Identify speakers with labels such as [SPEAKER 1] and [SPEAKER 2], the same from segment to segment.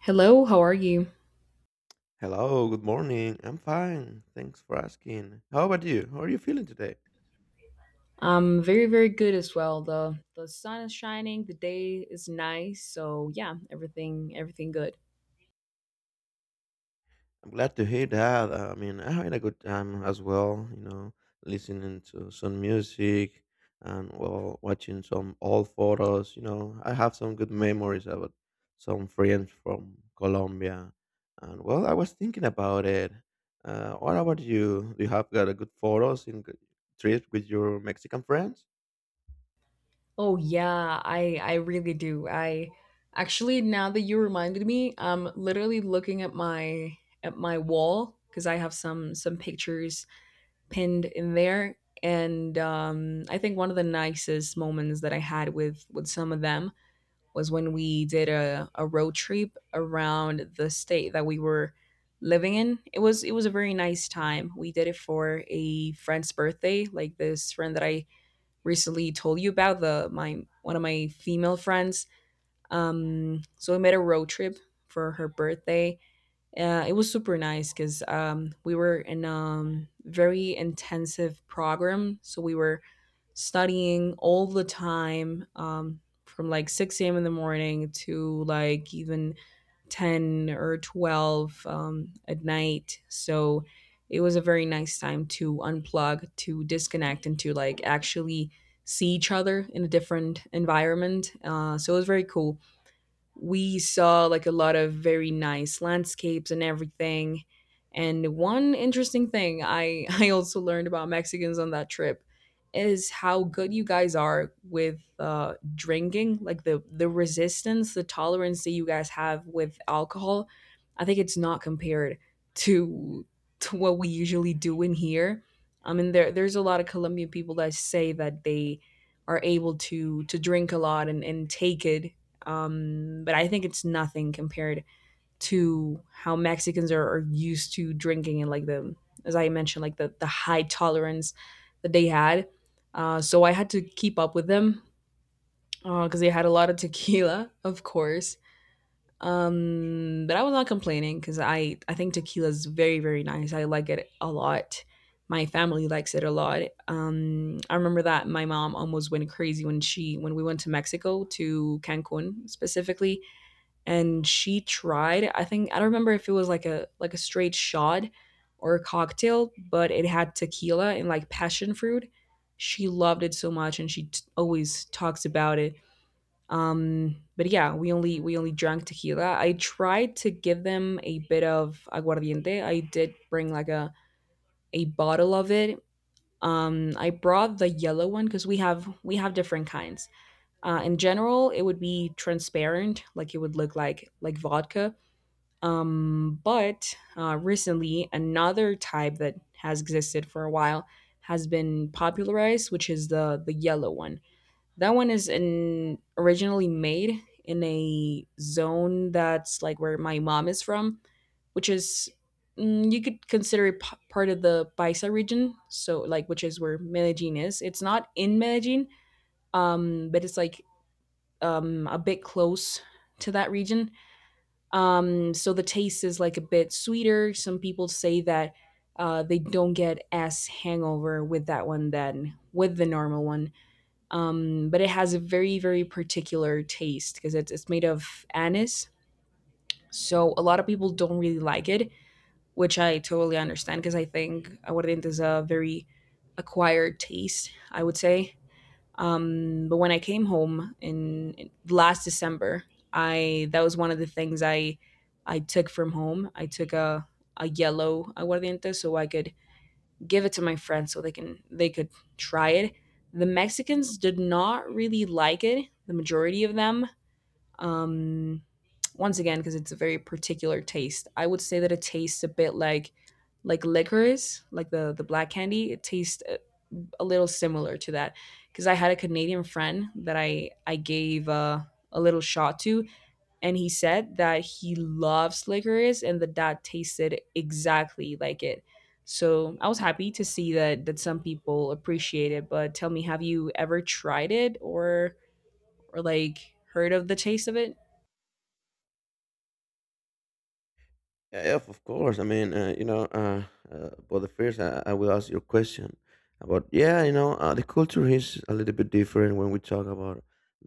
[SPEAKER 1] Hello, how are you?
[SPEAKER 2] Hello, good morning. I'm fine. Thanks for asking. How about you? How are you feeling today?
[SPEAKER 1] I'm very, very good as well. The sun is shining, the day is nice, so yeah, everything good.
[SPEAKER 2] I'm glad to hear that. I mean, I had a good time as well, listening to some music, and well, watching some old photos. I have some good memories about some friends from Colombia. And well, I was thinking about it. What about you? Do you have got a good photos in trip with your Mexican friends?
[SPEAKER 1] Oh yeah, I really do. I actually, now that you reminded me, I'm literally looking at my wall because I have some pictures pinned in there, and I think one of the nicest moments that I had with some of them was when we did a road trip around the state that we were living in. It was a very nice time. We did it for a friend's birthday, like this friend that I recently told you about, the my one of my female friends. So we made a road trip for her birthday. It was super nice because we were in a very intensive program. So we were studying all the time from like 6 a.m. in the morning to like even 10 or 12 at night. So it was a very nice time to unplug, to disconnect, and to like actually see each other in a different environment. So it was very cool. We saw like a lot of very nice landscapes and everything. And one interesting thing I also learned about Mexicans on that trip is how good you guys are with drinking, like the resistance, the tolerance that you guys have with alcohol. I think it's not compared to to what we usually do in here. I mean, there's a lot of Colombian people that say that they are able to drink a lot and take it, but I think it's nothing compared to how Mexicans are used to drinking, and like as I mentioned, like the high tolerance that they had. So I had to keep up with them because they had a lot of tequila, of course. But I was not complaining because I think tequila is very, very nice. I like it a lot. My family likes it a lot. I remember that my mom almost went crazy when she when we went to Mexico, to Cancun specifically, and she tried. I think I don't remember if it was like a straight shot or a cocktail, but it had tequila and like passion fruit. She loved it so much, and always talks about it. But yeah, we only drank tequila. I tried to give them a bit of aguardiente. I did bring like a bottle of it. I brought the yellow one because we have different kinds. Uh, in general, it would be transparent, like it would look like vodka. But recently, another type that has existed for a while has been popularized, which is the yellow one. That one is in originally made in a zone that's like where my mom is from, which is, you could consider it part of the Paisa region. So like, which is where Medellin is. It's not in Medellin, but it's like a bit close to that region. So the taste is like a bit sweeter. Some people say that they don't get as hangover with that one than with the normal one. But it has a very, very particular taste because it's made of anise. So a lot of people don't really like it, which I totally understand because I think aguardiente is a very acquired taste, I would say. But when I came home in last December, I that was one of the things I took from home. I took a yellow aguardiente so I could give it to my friends so they could try it. The Mexicans did not really like it. The majority of them. Um, once again, because it's a very particular taste. I would say that it tastes a bit like licorice, like the black candy. It tastes a little similar to that because I had a Canadian friend that I gave a little shot to, and he said that he loves licorice and that that tasted exactly like it. So I was happy to see that that some people appreciate it. But tell me, have you ever tried it, or like heard of the taste of it?
[SPEAKER 2] Yeah, yeah, of course. I mean, but the first, I will ask your question about, yeah, the culture is a little bit different when we talk about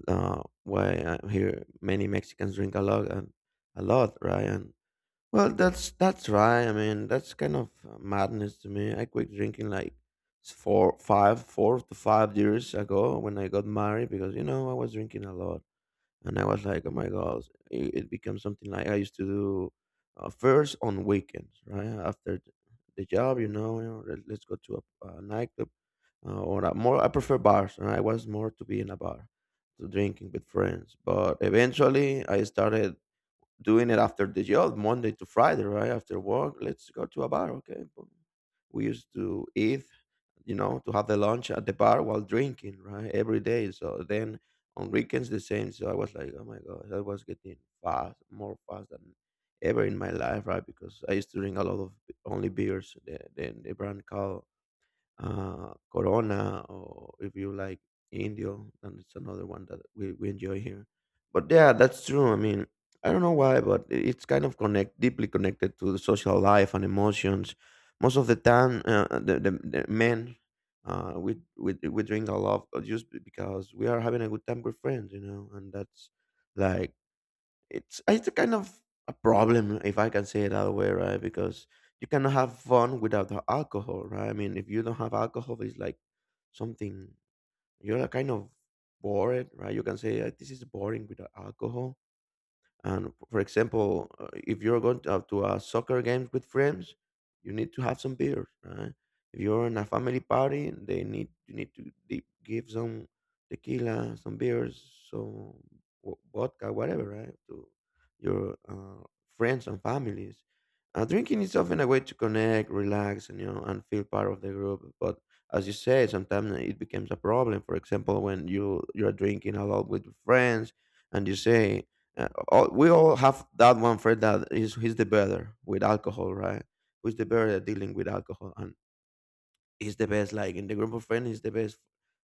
[SPEAKER 2] why I hear many Mexicans drink a lot and a lot, right? And well, that's right. I mean, that's kind of madness to me. I quit drinking like 4 to 5 years ago when I got married, because you know I was drinking a lot, and I was like, oh my god, it becomes something like I used to do first on weekends, right after the job. Let's go to a nightclub, or a more. I prefer bars. And I was more to be in a bar, to drinking with friends. But eventually, I started doing it after the job, Monday to Friday, right? After work, let's go to a bar, okay? But we used to eat, you know, to have the lunch at the bar while drinking, right? Every day. So then on weekends, the same. So I was like, oh my God, I was getting fast, more fast than ever in my life, right? Because I used to drink a lot of only beers, the brand called Corona, or if you like Indio, and it's another one that we enjoy here. But yeah, that's true. I mean, I don't know why, but it's kind of connect deeply connected to the social life and emotions. Most of the time, the men, we drink a lot because we are having a good time with friends, you know, and that's like it's a kind of a problem, if I can say it that way, right? Because you cannot have fun without the alcohol, right? I mean, if you don't have alcohol, it's like something you're kind of bored, right? You can say, this is boring without alcohol, and for example, if you're going to a soccer game with friends, you need to have some beers, right? If you're in a family party, they need you need to give some tequila, some beers, some vodka, whatever, right? To your friends and families. Drinking is often a way to connect, relax, and you know, and feel part of the group. But as you say, sometimes it becomes a problem. For example, when you you're drinking a lot with your friends, and you say we all have that one friend that is he's the better with alcohol, right? Who's the better at dealing with alcohol, and he's the best. Like in the group of friends, he's the best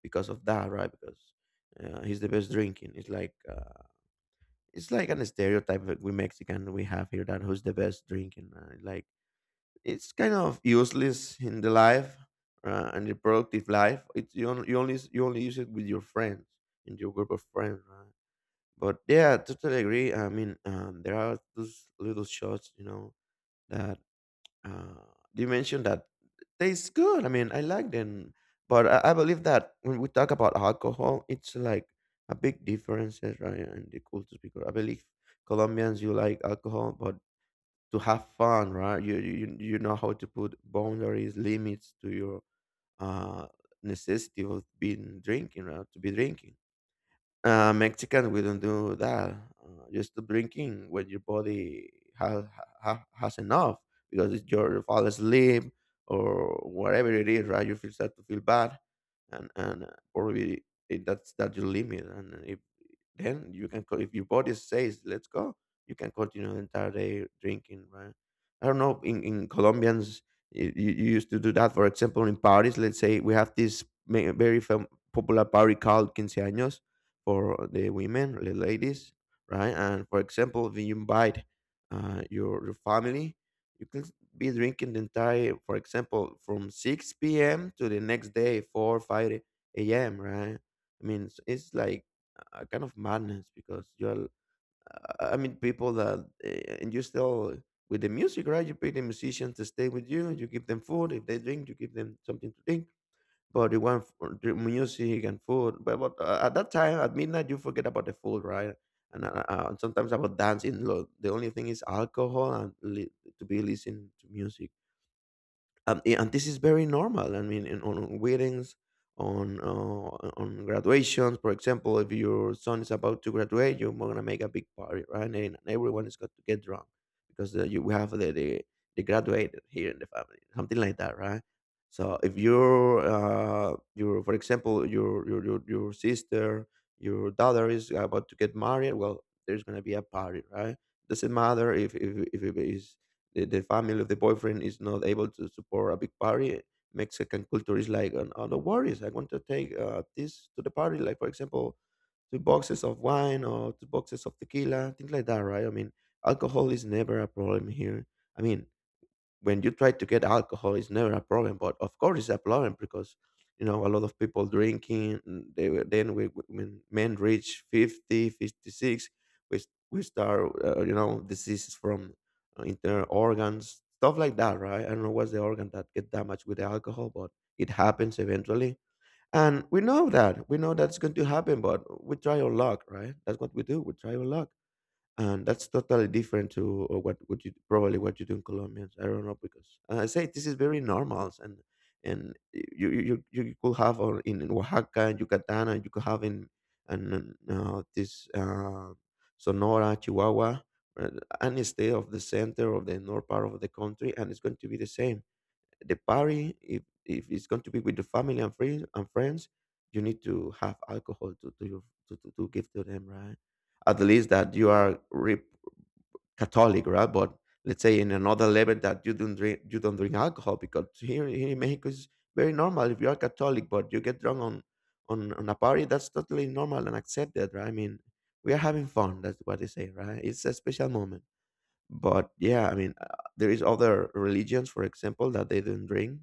[SPEAKER 2] because of that, right? Because he's the best drinking. It's like an stereotype that we Mexican we have here that who's the best drinking. Like it's kind of useless in the life and the productive life. It's you only, you only use it with your friends in your group of friends, right? But yeah, totally agree. I mean, there are those little shots, you know, that uh, you mentioned that tastes good. I mean, I like them, but I believe that when we talk about alcohol, it's like a big difference, eh, right, in the cultures. Because I believe Colombians, you like alcohol, but to have fun, right? You know how to put boundaries, limits to your uh necessity of being drinking, right? To be drinking, Mexican, we don't do that. You stop drinking when your body has has enough, because it's your fall asleep or whatever it is, right? You feel start to feel bad, and probably that's your limit. And if then you can if your body says let's go, you can continue the entire day drinking, right? I don't know. In Colombians, you used to do that. For example, in Paris, let's say we have this popular party called Quince Años for the women, the ladies, right? And for example, when you invite your family, you can be drinking the entire, for example, from 6 p.m. to the next day, 4, 5 a.m., right? I mean, it's like a kind of madness because you're, I mean, people that, uh, and you still with the music, right? You pay the musicians to stay with you, you give them food. If they drink, you give them something to drink, but you want the music and food. But, at that time, at midnight, you forget about the food, right? And sometimes about dancing. Look, the only thing is alcohol and to be listening to music. Yeah, and this is very normal. I mean, in, on weddings, on uh, on graduations, for example, if your son is about to graduate, you're gonna make a big party, right? And everyone is got to get drunk because you we have the graduated here in the family, something like that, right? So if your for example your sister your daughter is about to get married, well, there's gonna be a party, right? Doesn't matter if it is the family of the boyfriend is not able to support a big party, Mexican culture is like, oh, no, no worries, I want to take this to the party, like for example two boxes of wine or two boxes of tequila, things like that, right? I mean, alcohol is never a problem here. I mean, when you try to get alcohol, it's never a problem, but of course it's a problem, because you know a lot of people drinking, and they were- then we- when men reach 50, 56, we start, you know, diseases from internal organs, stuff like that, right? I don't know what's the organ that get damaged with the alcohol, but it happens eventually. And we know that's going to happen, but we try our luck, right? That's what we do, we try our luck. And that's totally different to what you probably what you do in Colombians. I don't know, because I say this is very normal. And and you could have in Oaxaca and Yucatan, and you could have in, and this Sonora, Chihuahua, uh, any state of the center of the north part of the country, and it's going to be the same, the party. If it's going to be with the family and friends, you need to have alcohol to to give to them, right? At least that you are catholic, right? But let's say in another level that you don't drink, alcohol. Because here, here in Mexico, it's very normal if you are catholic but you get drunk on a party. That's totally normal and accepted, right? I mean, we are having fun, that's what they say, right? It's a special moment. But yeah, I mean, there is other religions, for example, that they don't drink.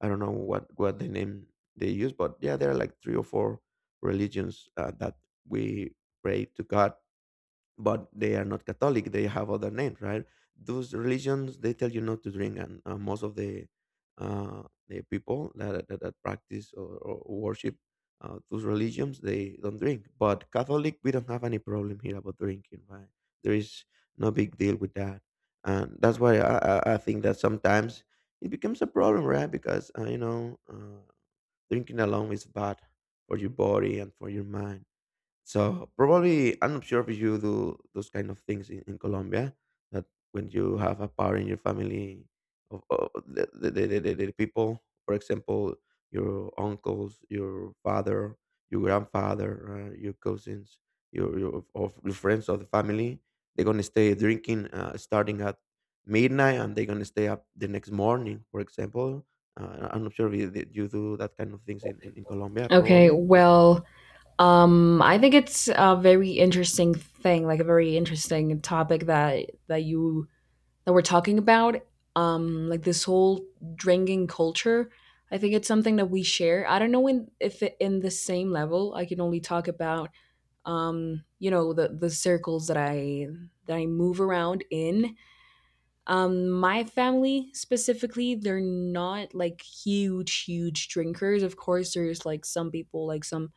[SPEAKER 2] I don't know what the name they use, but yeah, there are like three or four religions that we pray to God, but they are not Catholic. They have other names, right? Those religions, they tell you not to drink, and most of the people that, that practice or worship those religions, they don't drink. But Catholic, we don't have any problem here about drinking, right? There is no big deal with that, and that's why I think that sometimes it becomes a problem, right? Because drinking alone is bad for your body and for your mind. So probably I'm not sure if you do those kind of things in Colombia. That when you have a power in your family, of the people, for example, your uncles, your father, your grandfather, your cousins, your friends of the family, they're gonna stay drinking starting at midnight, and they're gonna stay up the next morning. For example, I'm not sure if you do that kind of things in Colombia,
[SPEAKER 1] Okay,
[SPEAKER 2] probably or not.
[SPEAKER 1] well, I think it's a very interesting thing, like a very interesting topic that you that we're talking about, like this whole drinking culture. I think it's something that we share. I don't know if it, in the same level. I can only talk about, you know, the circles that I move around in. Um, my family specifically, they're not like huge, huge drinkers. Of course, there's like some people, like some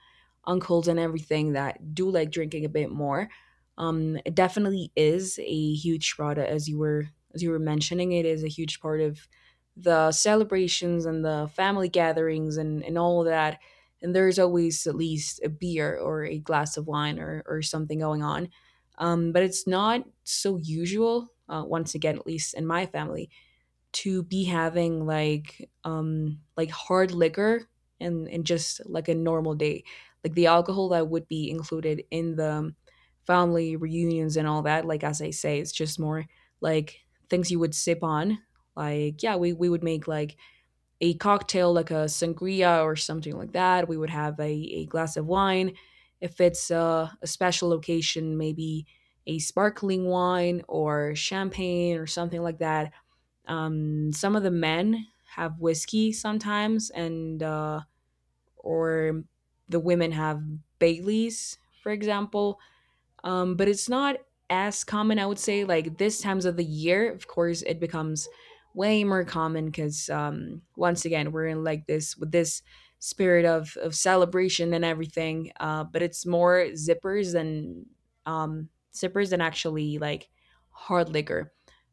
[SPEAKER 1] uncles and everything that do like drinking a bit more. It definitely is a huge as you were mentioning, it is a huge part of the celebrations and the family gatherings, and all that. And there's always at least a beer or a glass of wine, or something going on, but it's not so usual, once again, at least in my family, to be having like hard liquor and just like a normal day, like the alcohol that would be included in the family reunions and all that. Like as I say, it's just more like things you would sip on. Like yeah, we would make like a cocktail like a sangria or something like that. We would have a glass of wine. If it's a special location, maybe a sparkling wine or champagne or something like that. Some of the men have whiskey sometimes, and or the women have Baileys, for example, but it's not as common. I would say like this times of the year, of course, it becomes way more common because, once again, we're in like this with this spirit of celebration and everything. But it's more zippers than actually like hard liquor.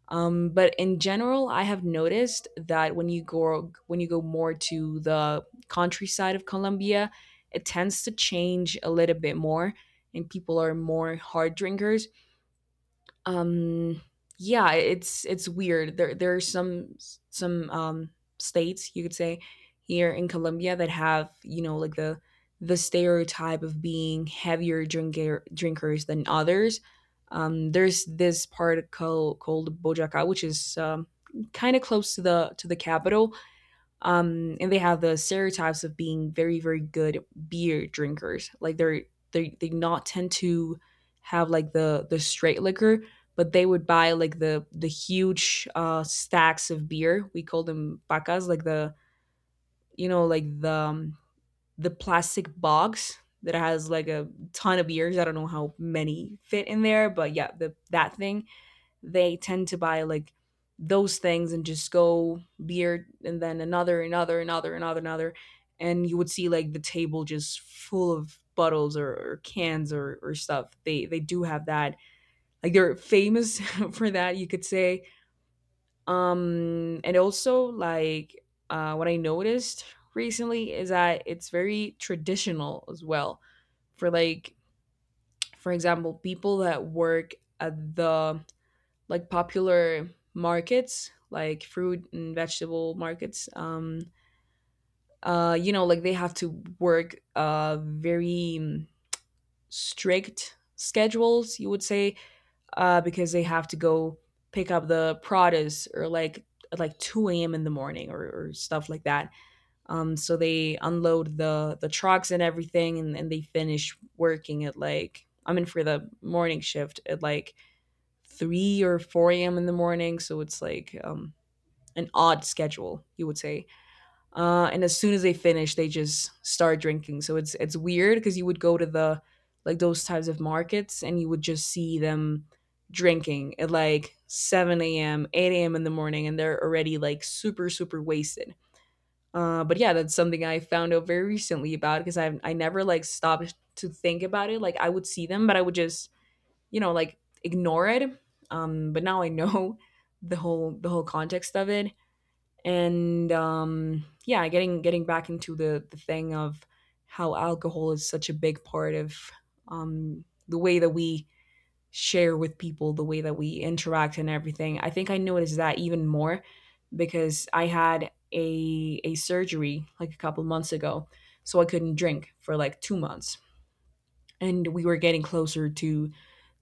[SPEAKER 1] But in general, I have noticed that when you go more to the countryside of Colombia, it tends to change a little bit more, and people are more hard drinkers. Um, yeah, it's weird. There are some states you could say here in Colombia that have, you know, like the stereotype of being heavier drinkers than others. There's this part called Bojaca, which is, kind of close to the capital, and they have the stereotypes of being very, very good beer drinkers. Like they're they not tend to have like the straight liquor, but they would buy like the huge stacks of beer. We call them pacas, like the, you know, like the, the plastic box that has like a ton of beers. I don't know how many fit in there, but yeah, the that thing. They tend to buy like those things and just go beer and then another, another, another, another, another. And you would see like the table just full of bottles, or cans, or stuff. They do have that. Like they're famous for that, you could say. Um, and also like what I noticed recently is that it's very traditional as well. For like, for example, people that work at the like popular markets, like fruit and vegetable markets, you know, like they have to work very strict schedules, you would say, because they have to go pick up the produce, or like at like 2 a.m in the morning, or stuff like that. So they unload the trucks and everything, and they finish working at like, I mean, for the morning shift at like 3 or 4 a.m in the morning. So it's like an odd schedule, you would say. And as soon as they finish, they just start drinking. So it's weird because you would go to the like those types of markets and you would just see them drinking at like 7 a.m., 8 a.m. in the morning, and they're already like super, super wasted. But yeah, that's something I found out very recently about because I never like stopped to think about it. Like I would see them, but I would just, you know, like ignore it. But now I know the whole context of it. And yeah, getting back into the thing of how alcohol is such a big part of the way that we share with people, the way that we interact and everything. I think I noticed that even more because I had a surgery like a couple months ago, so I couldn't drink for like 2 months, and we were getting closer to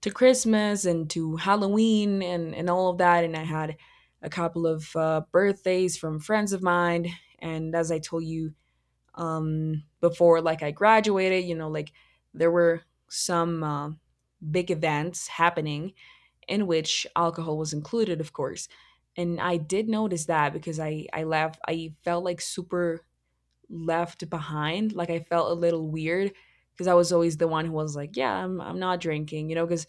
[SPEAKER 1] to Christmas and to Halloween, and all of that. And I had a couple of birthdays from friends of mine, and as I told you before, like, I graduated, you know, like there were some big events happening in which alcohol was included, of course. And I did notice that because I felt like super left behind. Like, I felt a little weird because I was always the one who was like, yeah, I'm not drinking, you know, because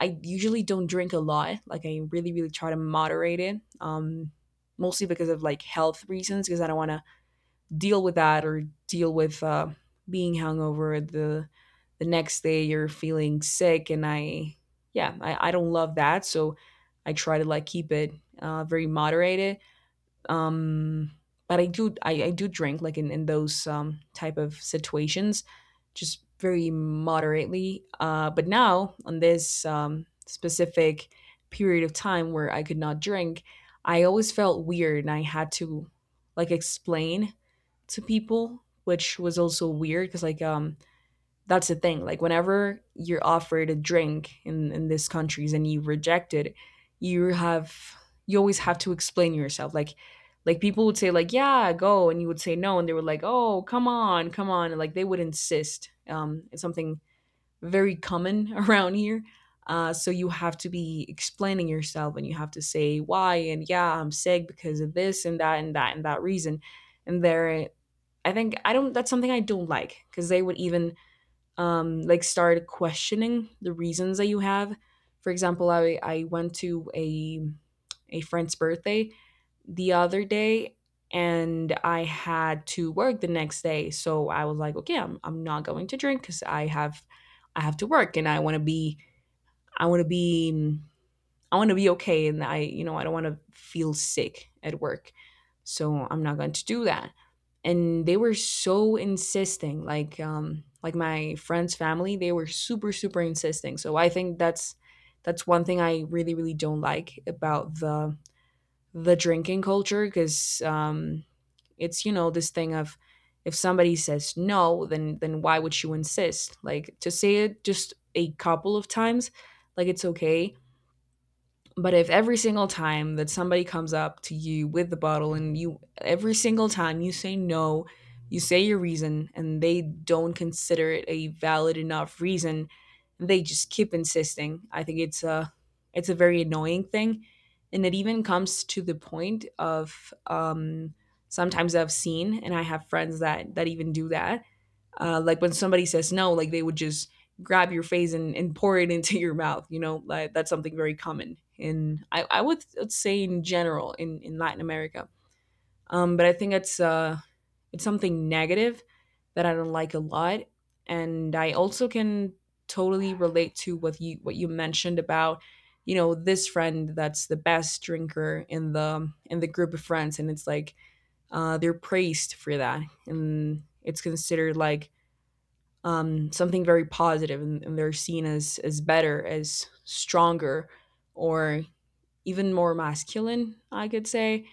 [SPEAKER 1] I usually don't drink a lot. Like, I really really try to moderate it. Mostly because of like health reasons, because I don't want to deal with that or deal with being hungover the next day, you're feeling sick. And I yeah, I don't love that, so I try to like keep it very moderated, um but I do drink like in those type of situations, just very moderately. But now, on this specific period of time where I could not drink, I always felt weird, and I had to like explain to people, which was also weird because like that's the thing. Like, whenever you're offered a drink in these countries and you reject it, you have you always have to explain yourself. Like people would say like, yeah, go, and you would say no, and they were like, oh, come on, come on, and like they would insist. It's something very common around here. So you have to be explaining yourself, and you have to say why, and yeah, I'm sick because of this and that and that and that reason. And there, I think I don't that's something I don't like, because they would even like start questioning the reasons that you have. For example, I went to a friend's birthday the other day, and I had to work the next day. So I was like, okay, I'm not going to drink because I have to work, and I want to be I want to be mm, I want to be okay. And I, you know, I don't want to feel sick at work. So I'm not going to do that. And they were so insisting, like my friend's family, they were super super insisting. So I think that's one thing I really really don't like about the drinking culture, because it's, you know, this thing of, if somebody says no, then why would you insist? Like, to say it just a couple of times, like, it's okay. But if every single time that somebody comes up to you with the bottle, and you every single time you say no, you say your reason, and they don't consider it a valid enough reason, they just keep insisting. I think it's a very annoying thing, and it even comes to the point of, sometimes I've seen, and I have friends that even do that, like when somebody says no, like they would just grab your face and, pour it into your mouth, you know, like that's something very common in, I would say in general, in Latin America. But I think it's something negative that I don't like a lot, and I also can totally relate to what you mentioned about, you know, this friend that's the best drinker in the group of friends, and it's like, they're praised for that, and it's considered like something very positive, and, they're seen as better, as stronger, or even more masculine, I could say.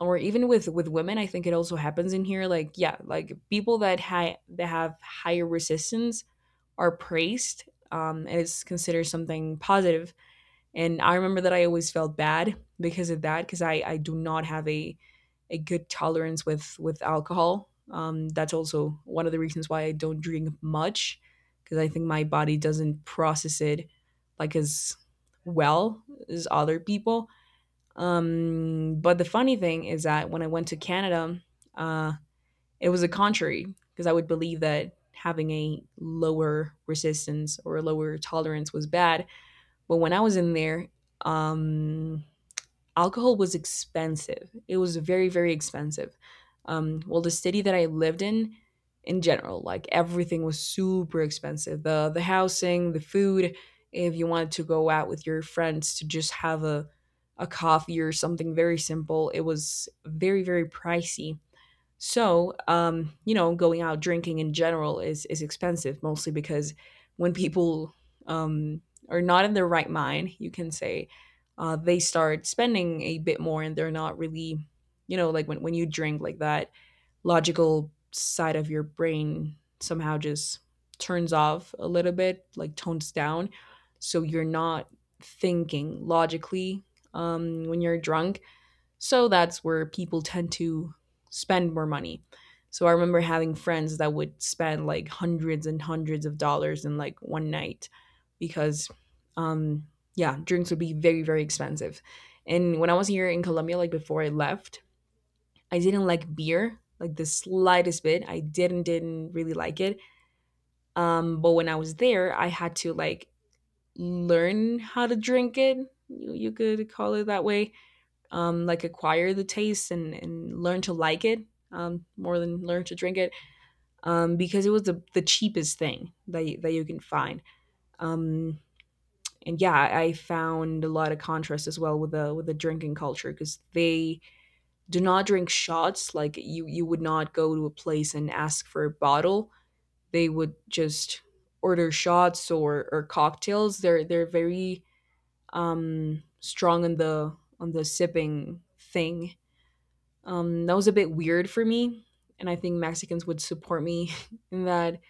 [SPEAKER 1] Or even with women, I think it also happens in here. Like, yeah, like people that that have higher resistance are praised, and it's considered something positive. And I remember that I always felt bad because of that, because I do not have a good tolerance with alcohol. That's also one of the reasons why I don't drink much, because I think my body doesn't process it like as well as other people. But the funny thing is that when I went to Canada, uh, it was the contrary, because I would believe that having a lower resistance or a lower tolerance was bad. But when I was in there, um, alcohol was expensive. It was very, very expensive. Well, the city that I lived in general, like everything was super expensive. The housing, the food. If you wanted to go out with your friends to just have a coffee or something very simple, it was very, very pricey. So, you know, going out drinking in general is expensive, mostly because when people, um, are not in their right mind, you can say, they start spending a bit more, and they're not really, you know, like when you drink like that, logical side of your brain somehow just turns off a little bit, like tones down, so you're not thinking logically when you're drunk. So that's where people tend to spend more money. So I remember having friends that would spend like hundreds and hundreds of dollars in like one night, because um yeah, drinks would be very very expensive. And when I was here in Colombia, like before I left, I didn't like beer like the slightest bit. I didn't really like it. But when I was there, I had to like learn how to drink it. You could call it that way, like acquire the taste, and, learn to like it, more than learn to drink it, because it was the cheapest thing that you can find. Um, and yeah, I found a lot of contrast as well with the drinking culture, because they do not drink shots. Like, you would not go to a place and ask for a bottle. They would just order shots or cocktails. They're very strong on the sipping thing. That was a bit weird for me, and I think Mexicans would support me in that,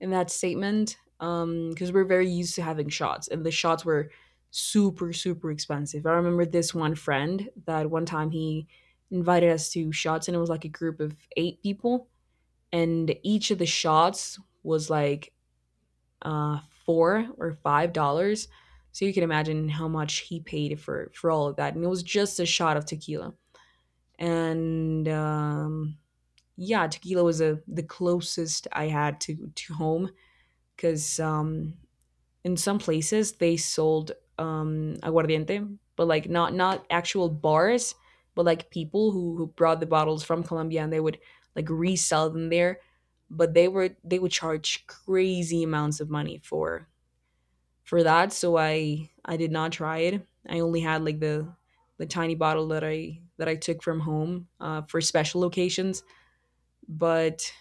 [SPEAKER 1] statement, because we're very used to having shots, and the shots were super super expensive. I remember this one friend that one time he invited us to shots, and it was like a group of eight people, and each of the shots was like uh, $4 or $5. So you can imagine how much he paid for all of that, and it was just a shot of tequila. And yeah, tequila was the closest I had to, home, because in some places they sold aguardiente, but like not actual bars, but like people who brought the bottles from Colombia, and they would like resell them there. But they would charge crazy amounts of money for that. So I did not try it. I only had like the tiny bottle that I took from home, for special occasions. But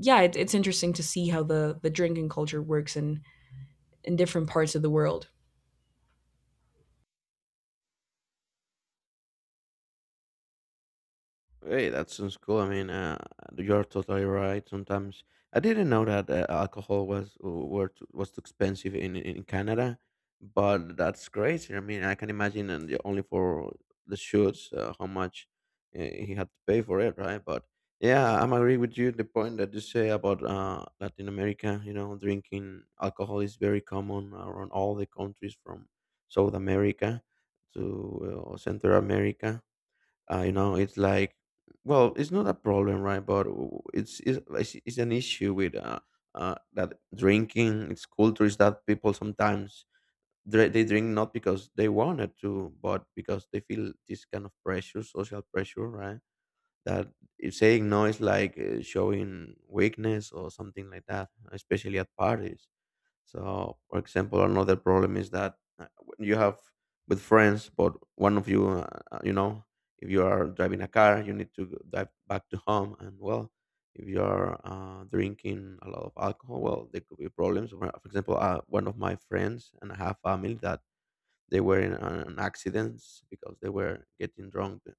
[SPEAKER 1] yeah, it's interesting to see how the drinking culture works in different parts of the world.
[SPEAKER 2] Hey, that sounds cool. I mean, you're totally right. Sometimes I didn't know that alcohol was too expensive in Canada, but that's crazy. I mean, I can imagine and only for the shoots, how much he had to pay for it, right? But yeah, I'm agree with you. The point that you say about, Latin America, you know, drinking alcohol is very common around all the countries from South America to, Central America. You know, it's like, well, it's not a problem, right? But it's it's an issue with that drinking. It's culture is that people sometimes they drink not because they wanted to, but because they feel this kind of pressure, social pressure, right? That if saying no is like, showing weakness or something like that, especially at parties. So, for example, another problem is that when you have with friends, but one of you, you know, if you are driving a car, you need to go drive back to home. And well, if you are drinking a lot of alcohol, well, there could be problems. For example, one of my friends and I have family that they were in an accident because they were getting drunk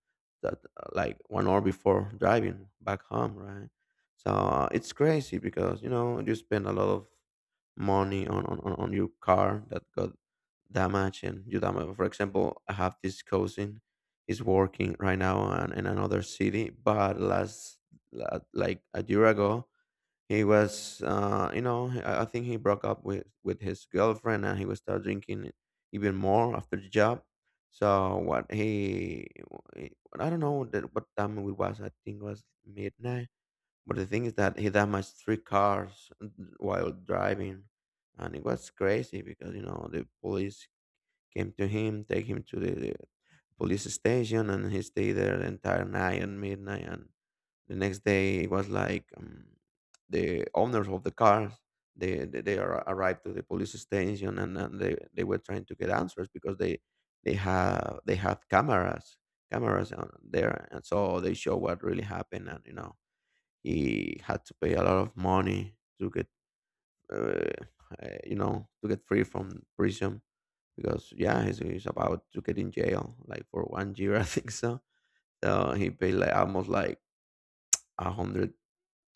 [SPEAKER 2] that like 1 hour before driving back home, right? So it's crazy because, you know, you spend a lot of money on your car that got damaged and you damage. For example, I have this cousin, he's working right now in another city, but last, like a year ago, he was, you know, I think he broke up with his girlfriend and he was start drinking even more after the job. So what he, I don't know that what time it was, I think it was midnight, but the thing is that he damaged three cars while driving, and it was crazy because, you know, the police came to him, take him to the police station, and he stayed there the entire night and midnight. And the next day, it was like, the owners of the cars, they arrived to the police station, and, they were trying to get answers because they have they had cameras, on there, and so they show what really happened. And, you know, he had to pay a lot of money to get, uh, you know, to get free from prison because, yeah, he's about to get in jail like for 1 year I think so. So he paid like almost like a hundred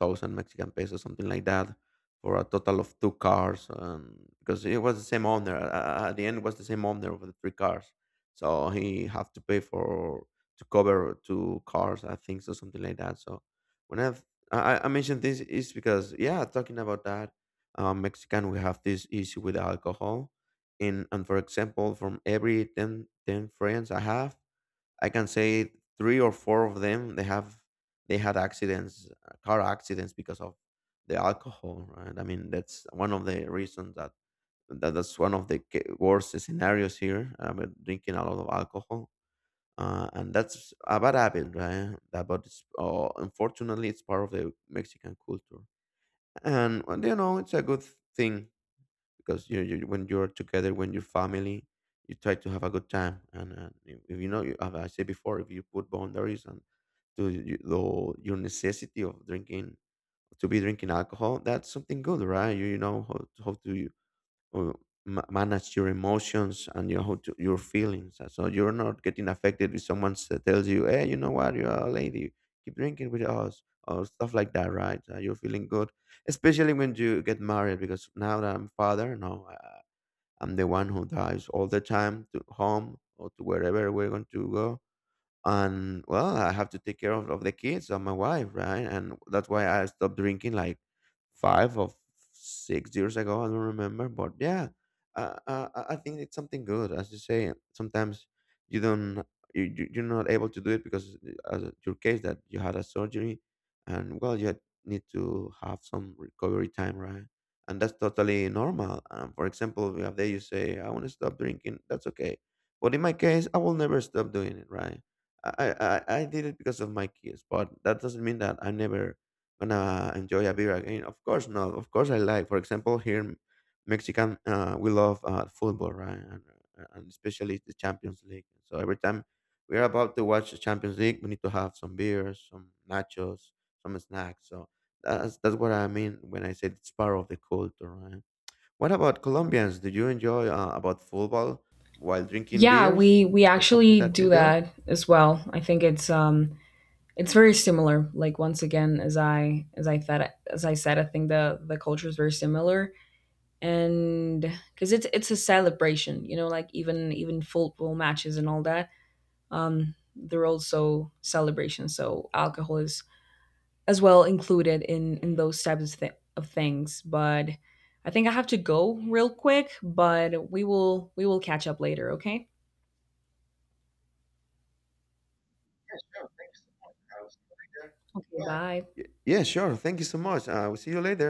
[SPEAKER 2] thousand Mexican pesos, something like that, for a total of two cars. And because it was the same owner, at the end it was the same owner of the three cars, so he have to pay for to cover two cars, I think, so something like that. So when I've, I mentioned this is because, yeah, talking about that, Mexican, we have this issue with alcohol. And for example, from every ten friends I have, I can say three or four of them they have they had accidents, car accidents because of the alcohol, right? I mean, that's one of the reasons that, that's one of the worst scenarios here. I mean, drinking a lot of alcohol, and that's a bad habit, right? That, but it's, unfortunately, it's part of the Mexican culture. And well, you know, it's a good thing because you when you're together, when you're family, you try to have a good time. And if you know as I said before, if you put boundaries and to you, the, your necessity of drinking to be drinking alcohol, that's something good, right? You know how, how to you, uh, manage your emotions and your how to, your feelings. So you're not getting affected with someone that tells you, hey, you know what, you're a lady, keep drinking with us or stuff like that, right? You're feeling good, especially when you get married, because now that I'm father, no, I'm the one who drives all the time to home or to wherever we're going to go. And well, I have to take care of, the kids and my wife, right? And that's why I stopped drinking like 5 or 6 years ago, I don't remember, but yeah. I think it's something good. As you say, sometimes you don't, you're not able to do it because, as your case that you had a surgery, and well, need to have some recovery time, right? And that's totally normal. For example, if they you say I want to stop drinking, that's okay, but in my case, I will never stop doing it, right? I, I did it because of my kids, but that doesn't mean that I'm never gonna enjoy a beer again. Of course not. Of course I like. For example, here in Mexican, we love football, right? And especially the Champions League. So every time we're about to watch the Champions League, we need to have some beers, some nachos, some snacks. So that's what I mean when I said it's part of the culture, right? What about Colombians? Do you enjoy about football while drinking
[SPEAKER 1] Yeah,
[SPEAKER 2] beers?
[SPEAKER 1] we
[SPEAKER 2] Is that something
[SPEAKER 1] actually
[SPEAKER 2] that you
[SPEAKER 1] do
[SPEAKER 2] enjoy?
[SPEAKER 1] that as well. I think it's It's very similar. Like, once again, as I said, I think the culture is very similar, and because it's a celebration, you know, like even football matches and all that. They're also celebrations. So alcohol is as well included in those types of, of things. But I think I have to go real quick, but we will catch up later, okay? Okay, bye.
[SPEAKER 2] Yeah, sure. Thank you so much. I will see you later.